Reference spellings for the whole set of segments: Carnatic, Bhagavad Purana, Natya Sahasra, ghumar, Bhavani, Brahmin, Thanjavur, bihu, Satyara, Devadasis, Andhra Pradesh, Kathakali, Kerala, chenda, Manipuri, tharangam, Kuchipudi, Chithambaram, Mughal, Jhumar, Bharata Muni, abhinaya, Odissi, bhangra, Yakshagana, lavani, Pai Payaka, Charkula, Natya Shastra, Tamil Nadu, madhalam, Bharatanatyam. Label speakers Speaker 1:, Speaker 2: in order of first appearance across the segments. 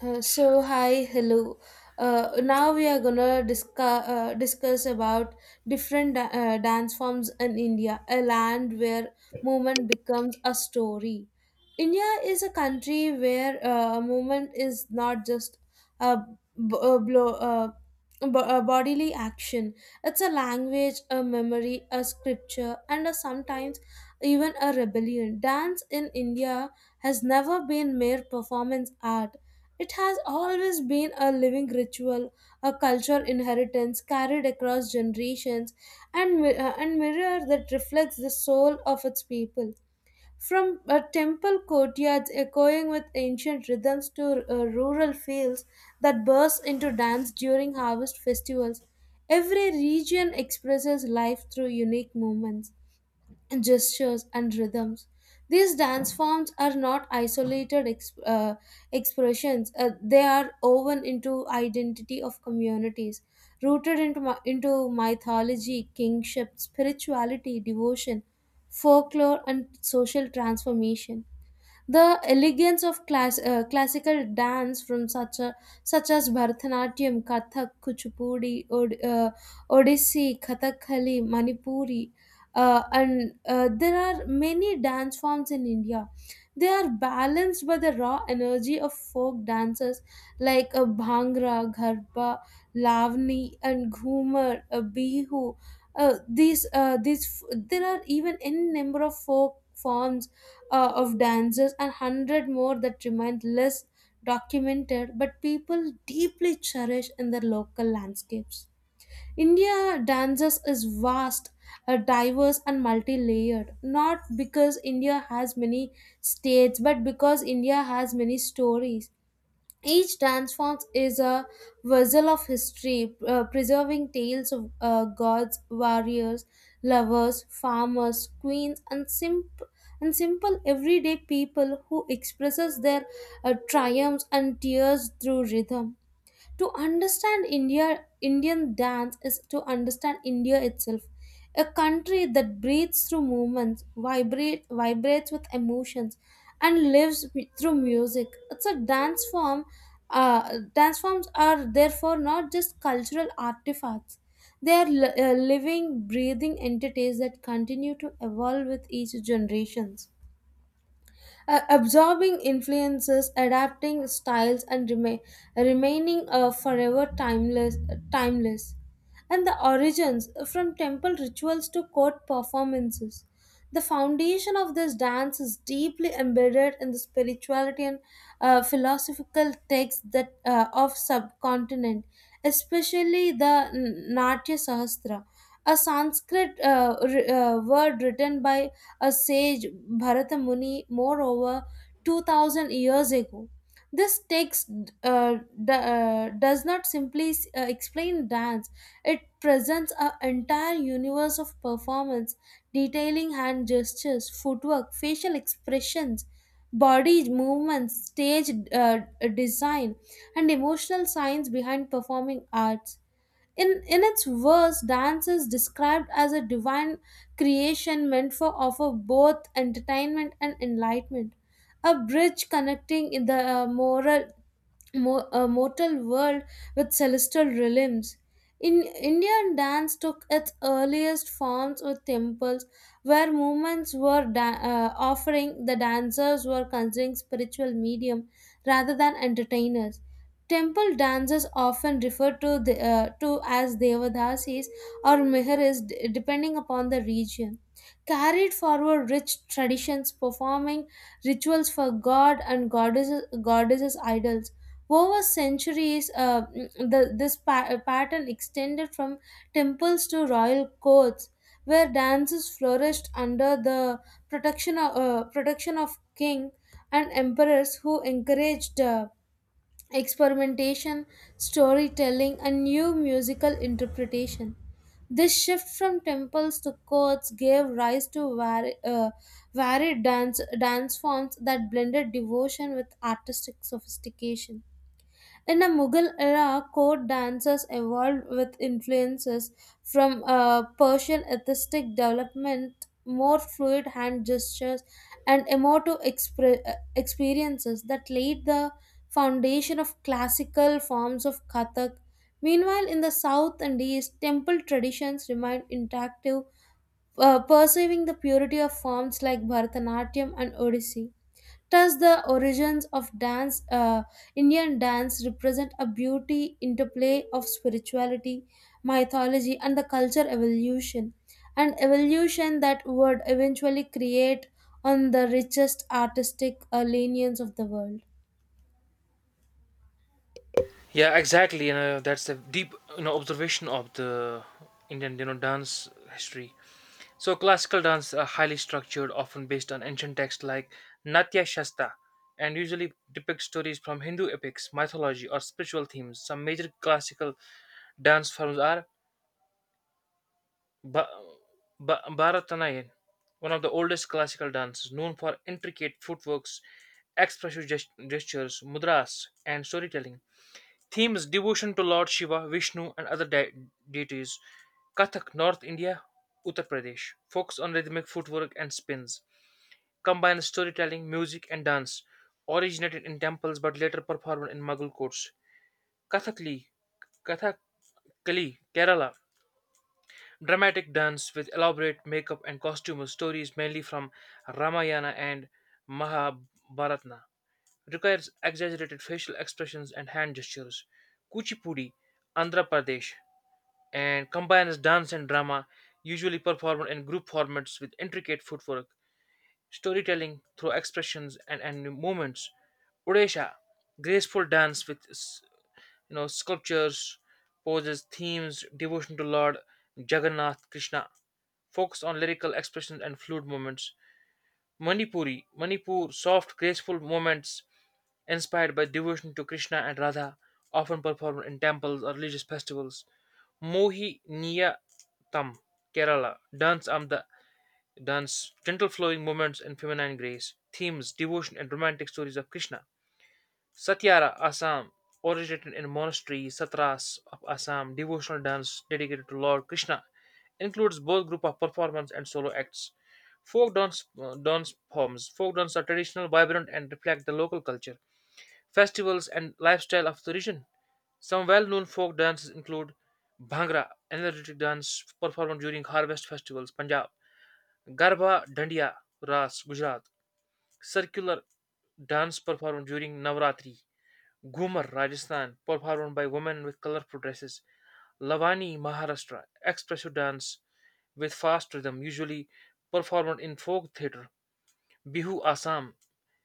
Speaker 1: So hi, hello. Now we are gonna discuss discuss about different dance forms in India, a land where movement becomes a story. India is a country where movement is not just a, a blow. A bodily action, it's a language, a memory, a scripture, and a sometimes even a rebellion. Dance in india has never been mere performance art. It has always been a living ritual, a cultural inheritance carried across generations, and and mirror that reflects the soul of its people. From temple courtyards echoing with ancient rhythms to rural fields that burst into dance during harvest festivals, every region expresses life through unique moments, gestures, and rhythms. These dance forms are not isolated expressions, they are woven into identity of communities, rooted into mythology, kingship, spirituality, devotion, folklore, and social transformation. The elegance of classical dance from such as Bharatanatyam, Kathak, Kuchipudi, Odissi, Kathakali, Manipuri, and there are many dance forms in India. They are balanced by the raw energy of folk dances like a bhangra, garba, lavani, and ghumar, a bihu. There are even n number of folk forms of dances and 100 more that remain less documented, but people deeply cherish in their local landscapes. India dances is vast, diverse, and multi-layered. Not because India has many states, but because India has many stories. Each transforms is a vessel of history, preserving tales of gods, warriors, lovers, farmers, queens, and, and simple everyday people who expresses their triumphs and tears through rhythm. To understand India, Indian dance is to understand India itself. A country that breathes through movements, vibrates with emotions, and lives through music. It's a dance form. Dance forms are therefore not just cultural artifacts. They are living, breathing entities that continue to evolve with each generations. Absorbing influences, adapting styles, and remaining forever timeless. And the origins from temple rituals to court performances. The foundation of this dance is deeply embedded in the spirituality and philosophical texts that of subcontinent, especially the Natya Sahasra, a Sanskrit word written by a sage Bharata Muni, moreover, 2000 years ago. This text uh, does not simply explain dance, it presents an entire universe of performance, detailing hand gestures, footwork, facial expressions, body movements, stage design, and emotional science behind performing arts. In its verse, dance is described as a divine creation meant for offer both entertainment and enlightenment, a bridge connecting in the moral a mortal world with celestial realms. In Indian dance took its earliest forms with temples, where movements were offering the dancers were considering spiritual medium rather than entertainers. Temple dances often referred to to as devadasis or mihiris, depending upon the region. Carried forward rich traditions, performing rituals for god and goddesses, goddesses idols over centuries, this pattern extended from temples to royal courts, where dances flourished under the protection of king and emperors who encouraged experimentation, storytelling, and new musical interpretation. This shift from temples to courts gave rise to varied dance forms that blended devotion with artistic sophistication. In the Mughal era, court dances evolved with influences from Persian artistic development, more fluid hand gestures, and emotive experiences that laid the foundation of classical forms of Kathak. Meanwhile, in the south and east, temple traditions remained intact, preserving the purity of forms like Bharatanatyam and Odissi. Does the origins of dance, Indian dance, represent a beauty interplay of spirituality, mythology, and the culture evolution, an evolution that would eventually create on the richest artistic lineage of the world.
Speaker 2: Yeah, exactly. That's the deep observation of the Indian dance history. So classical dance are highly structured, often based on ancient texts like Natya Shastra, and usually depict stories from Hindu epics, mythology, or spiritual themes. Some major classical dance forms are ba- Bharatanatyam, one of the oldest classical dances, known for intricate footworks, expressive gestures, mudras, and storytelling. Themes devotion to Lord Shiva, Vishnu, and other deities. Kathak, North India, Uttar Pradesh. Focus on rhythmic footwork and spins. Combines storytelling, music, and dance. Originated in temples but later performed in Mughal courts. Kathakli, Kathakali, Kerala. Dramatic dance with elaborate makeup and costume stories mainly from Ramayana and Mahabharata. Requires exaggerated facial expressions and hand gestures. Kuchipudi, Andhra Pradesh. And combines dance and drama, usually performed in group formats with intricate footwork, storytelling through expressions and movements. Odisha, graceful dance with sculptures, poses, themes, devotion to Lord Jagannath Krishna, focus on lyrical expressions and fluid movements. Manipuri, Manipur, soft, graceful movements inspired by devotion to Krishna and Radha, often performed in temples or religious festivals. Mohiniyattam, Kerala. Dance, gentle flowing movements and feminine grace. Themes, devotion and romantic stories of Krishna. Satyara, Assam. Originated in monasteries, satras of Assam, devotional dance dedicated to Lord Krishna. Includes both group of performance and solo acts. Folk dance, dance forms. Folk dance are traditional, vibrant, and reflect the local culture, festivals, and lifestyle of the region. Some well-known folk dances include Bhangra, an energetic dance performed during harvest festivals, Punjab, Garba Dandiya Ras, Gujarat, circular dance performed during Navratri, Ghumar, Rajasthan, performed by women with colorful dresses, Lavani, Maharashtra, expressive dance with fast rhythm, usually performed in folk theatre, Bihu, Assam,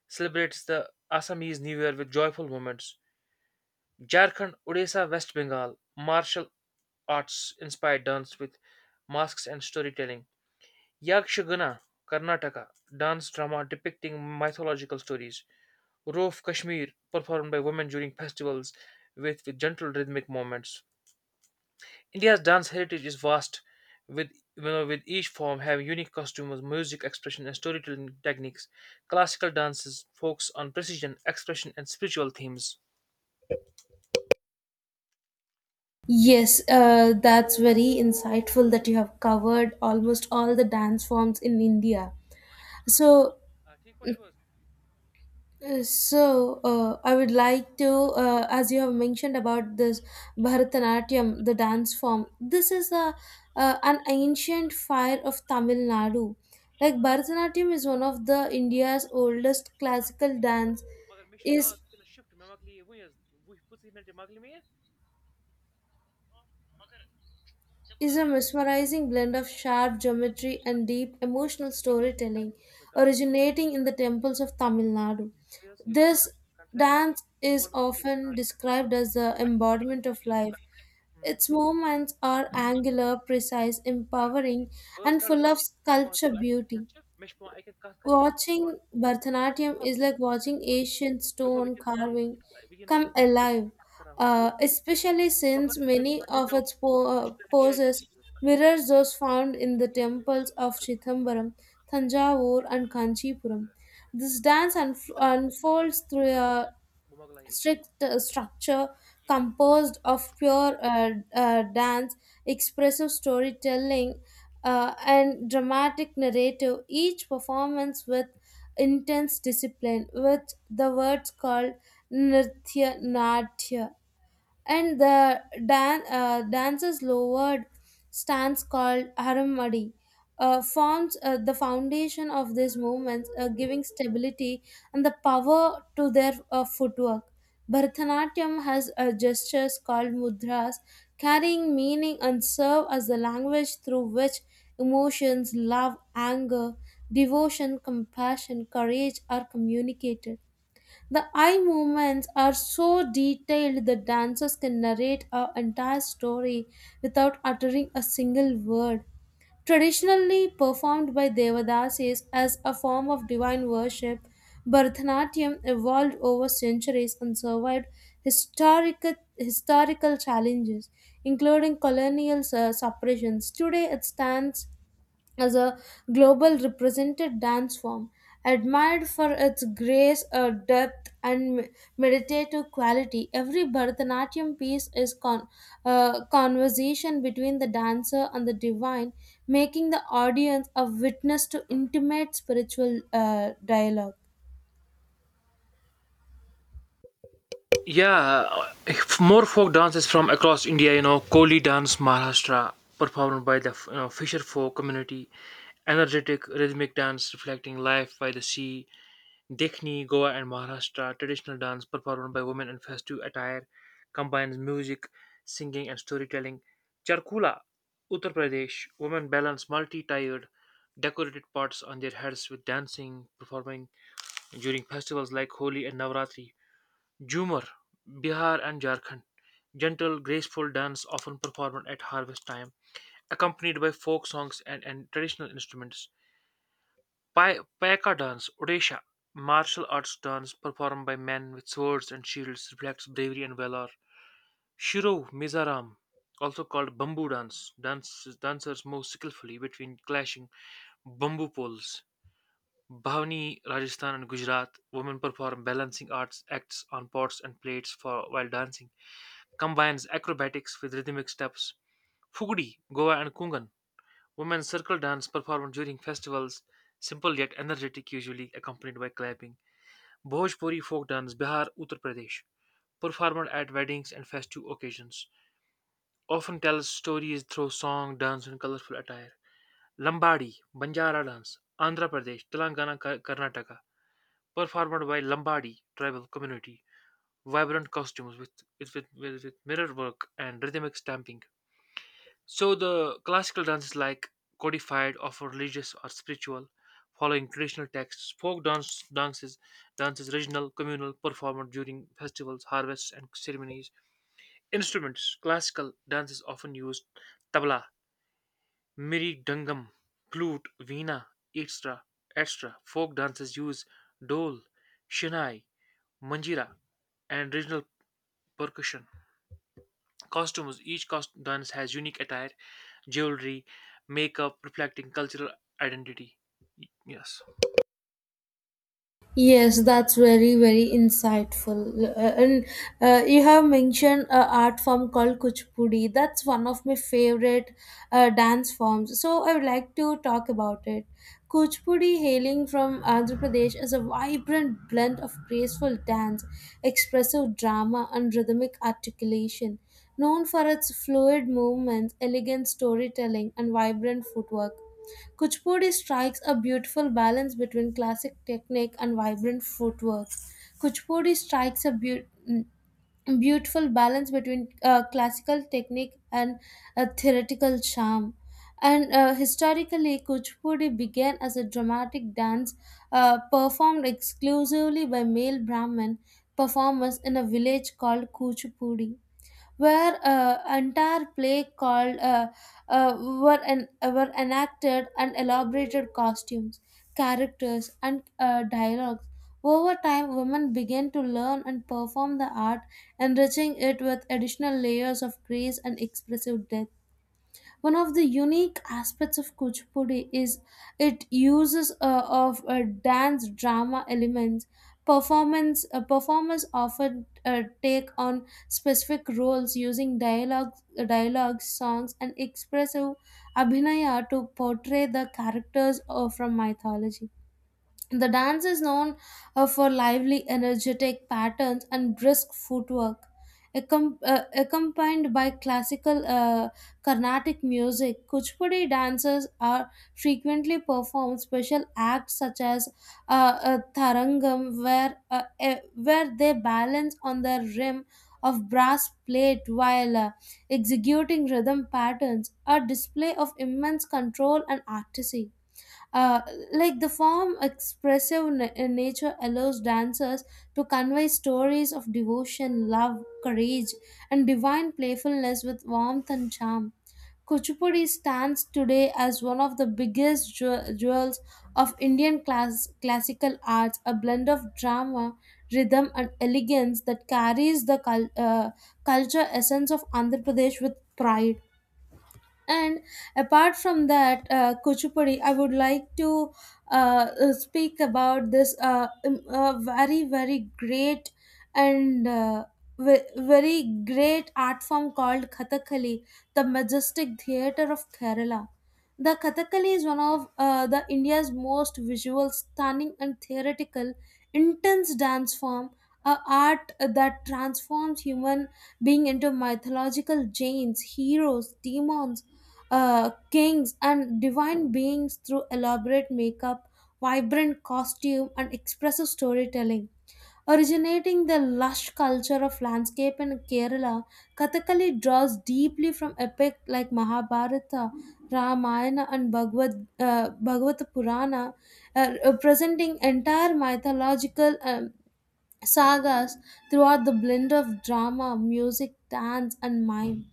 Speaker 2: celebrates the Assamese New Year with joyful moments, Jharkhand, Odisha, West Bengal, martial arts inspired dance with masks and storytelling. Yakshagana, Karnataka, dance drama depicting mythological stories. Roof Kashmir, performed by women during festivals with gentle rhythmic movements. India's dance heritage is vast, with with each form having unique costumes, music, expression, and storytelling techniques. Classical dances focus on precision, expression, and spiritual themes.
Speaker 1: Yes, that's very insightful that you have covered almost all the dance forms in India. So,
Speaker 2: ठीक पछुआ?
Speaker 1: So, I would like to, as you have mentioned about this Bharatanatyam, the dance form. This is a an ancient fire
Speaker 2: Mگر
Speaker 1: of Tamil Nadu. Like Bharatanatyam is one of the India's oldest classical
Speaker 2: مےٚ
Speaker 1: dance.
Speaker 2: چھُ پَتہ
Speaker 1: Is
Speaker 2: وٕنۍکٮ۪نَس shift مےٚ مۄکلے وٕنۍ حظ وُہہِ پٕنٛژٕہ مِنٹہِ مۄکلہِ مےٚ یہِ مگر ژےٚ
Speaker 1: is
Speaker 2: کوٗتاہ
Speaker 1: a
Speaker 2: اَکھ
Speaker 1: mesmerizing blend of sharp geometry and deep emotional storytelling, originating in the temples of Tamil Nadu.
Speaker 2: یہِ چھُ دۄن
Speaker 1: This
Speaker 2: کَنٹرٛٮ۪کٹ
Speaker 1: dance is
Speaker 2: کوٚر مےٚ
Speaker 1: often described as the embodiment of life. Its movements are angular, precise, empowering,
Speaker 2: بہٕ حظ
Speaker 1: and
Speaker 2: کَڑٕ
Speaker 1: full of
Speaker 2: اَتھ
Speaker 1: sculpture
Speaker 2: مےٚ
Speaker 1: beauty.
Speaker 2: چھِ پٮ۪وان اَکہِ کَتھ کَرٕنۍ بیٚکہِ چھِ پٮ۪وان.
Speaker 1: Watching Bharatanatyam is like watching ancient
Speaker 2: Because we
Speaker 1: stone
Speaker 2: can fund,
Speaker 1: carving come
Speaker 2: big big
Speaker 1: alive,
Speaker 2: kara hukum.
Speaker 1: especially
Speaker 2: Fakat
Speaker 1: since
Speaker 2: bir
Speaker 1: many of
Speaker 2: tane
Speaker 1: its
Speaker 2: işte AI
Speaker 1: poses
Speaker 2: teknolojisi var.
Speaker 1: mirrors those found in the
Speaker 2: İşte AI
Speaker 1: temples
Speaker 2: teknolojisi
Speaker 1: of
Speaker 2: arasında,
Speaker 1: Chithambaram, Thanjavur, and Kanchipuram.
Speaker 2: e,
Speaker 1: This dance unfolds through a strict structure composed of pure dance, expressive storytelling, and dramatic narrative, each performance with intense discipline, with the words called Nritya Natya, and the dancer's lowered stance called haramadi forms the foundation of these movements, giving stability and the power to their footwork. Bharatanatyam has gestures called mudras, carrying meaning and serve as the language through which emotions, love, anger, devotion, compassion, courage are communicated. The eye movements are so detailed that dancers can narrate an entire story without uttering a single word. Traditionally performed by Devadasis as a form of divine worship, Bharatanatyam evolved over centuries and survived historical challenges, including colonial suppressions. Today it stands as a global represented dance form, admired for its grace, depth, and meditative quality. Every Bharatanatyam piece is conversation between the dancer and the divine, making the audience a witness to intimate spiritual dialogue.
Speaker 2: yeah, more folk dances from across India, you know, Koli dance, Maharashtra, performed by the fisher folk community, energetic rhythmic dance reflecting life by the sea, Dekhni, Goa, and Maharashtra traditional dance performed by women in festive attire combines music, singing, and storytelling. Charkula, Uttar Pradesh, women balance multi tiered decorated pots on their heads with dancing, performing during festivals like Holi and Navratri. Jhumar, Bihar, and Jharkhand, gentle, graceful dance often performed at harvest time, accompanied by folk songs and traditional instruments. Pai Payaka dance, Odisha martial arts dance performed by men with swords and shields, reflects bravery and valor. Shiro Mizoram, also called bamboo dance, dances dancers move skillfully between clashing bamboo poles. Bhavani, Rajasthan and Gujarat, women perform balancing arts acts on pots and plates for while dancing, combines acrobatics with rhythmic steps. Fugdi, Goa and Kungan, women circle dance performed during festivals, simple yet energetic, usually accompanied by clapping. Bhojpuri folk dance Bihar, Uttar Pradesh, performed at weddings and festive occasions, often tells stories through song, dance and colorful attire. Lambadi, Banjara dance, Andhra Pradesh, Telangana, Karnataka, performed by Lambadi tribal community, vibrant costumes with mirror work and rhythmic stamping. So the classical dance is like codified of religious or spiritual, following traditional texts. Folk dance dances dance is regional, communal, performed during festivals, harvests, and ceremonies. Instruments: classical dance is often used tabla, miri dangam, flute, veena, etc. Etc. Folk dances use dole, shinai, manjira, and regional percussion. Costumes: each cost dance has unique attire jewelry, makeup, reflecting cultural identity. Yes.
Speaker 1: Yes, that's very, very insightful. And you have mentioned a art form called Kuchipudi. That's one of my favorite dance forms. So I would like to talk about it. Kuchipudi, hailing from Andhra Pradesh, is a vibrant blend of graceful dance, expressive drama, and rhythmic articulation. Known for its fluid movements, elegant storytelling, and vibrant footwork. Kuchipudi strikes a beautiful balance between classic technique and vibrant footwork. Kuchipudi strikes a mm, beautiful balance between classical technique and a theoretical charm. And historically, Kuchipudi began as a dramatic dance performed exclusively by male Brahmin performers in a village called Kuchipudi, where entire play called uh, were enacted and elaborated costumes, characters, and dialogues. Over time, women began to learn and perform the art, enriching it with additional layers of grace and expressive depth. One of the unique aspects of Kuchipudi is it uses of dance drama elements. Performance Performers often take on specific roles using dialogues, songs, and expressive abhinaya to portray the characters from mythology. The dance is known for lively, energetic patterns and brisk footwork, accompanied by classical Carnatic music. Kuchipudi dancers are frequently perform special acts such as a tharangam, where where they balance on the rim of brass plate while executing rhythm patterns, a display of immense control and artisy. Uh, like the form expressive nature allows dancers to convey stories of devotion, love, courage, and divine playfulness with warmth and charm. Kuchipudi stands today as one of the biggest jewels of Indian classical arts, a blend of drama, rhythm, and elegance that carries the culture essence of Andhra Pradesh with pride. And apart from that, Kuchipudi, I would like to speak about this very, very great and very great art form called Kathakali, the majestic theatre of Kerala. The Kathakali is one of the India's most visual, stunning, and theoretical, intense dance form, a art that transforms human being into mythological giants, heroes, demons, kings, and divine beings through elaborate makeup, vibrant costume, and expressive storytelling. Originating the lush culture of landscape in Kerala, Kathakali draws deeply from epic like Mahabharata, Ramayana, and Bhagavad Purana, representing entire mythological sagas throughout the blend of drama, music, dance, and mime.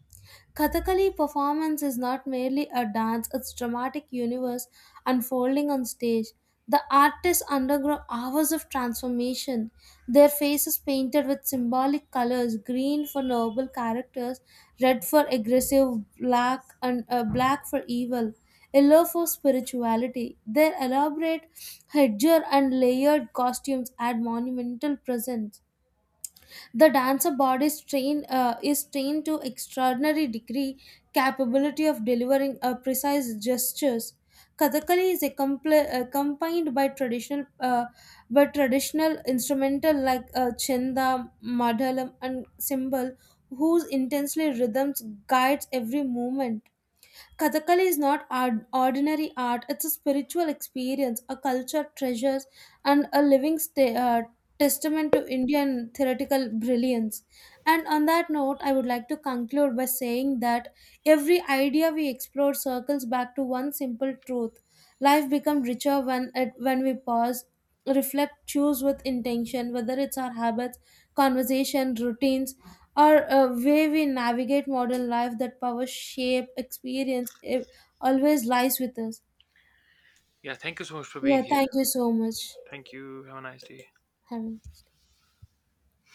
Speaker 1: Kathakali performance is not merely a dance, it's dramatic universe unfolding on stage. The artists undergo hours of transformation, their faces painted with symbolic colors, green for noble characters, red for aggressive, black for evil, yellow for spirituality. Their elaborate headgear and layered costumes add monumental presence. The dancer body is trained to extraordinary degree, capability of delivering precise gestures. Kathakali is accompanied by traditional instrumental like chenda, madhalam, and cymbal, whose intensely rhythms guides every movement. Kathakali is not ordinary art, it's a spiritual experience, a culture treasures, and a living sta testament to Indian theoretical brilliance. And on that note, I would like to conclude by saying that every idea we explore circles back to one simple truth: life becomes richer when, when we pause, reflect, choose with intention, whether it's our habits, conversation, routines, or a way we navigate modern life. That power shape experience it always lies with us.
Speaker 2: Yeah, thank you so much for being
Speaker 1: Yeah,
Speaker 2: here.
Speaker 1: thank you so much,
Speaker 2: Thank you. Have a nice day.
Speaker 1: Hemant.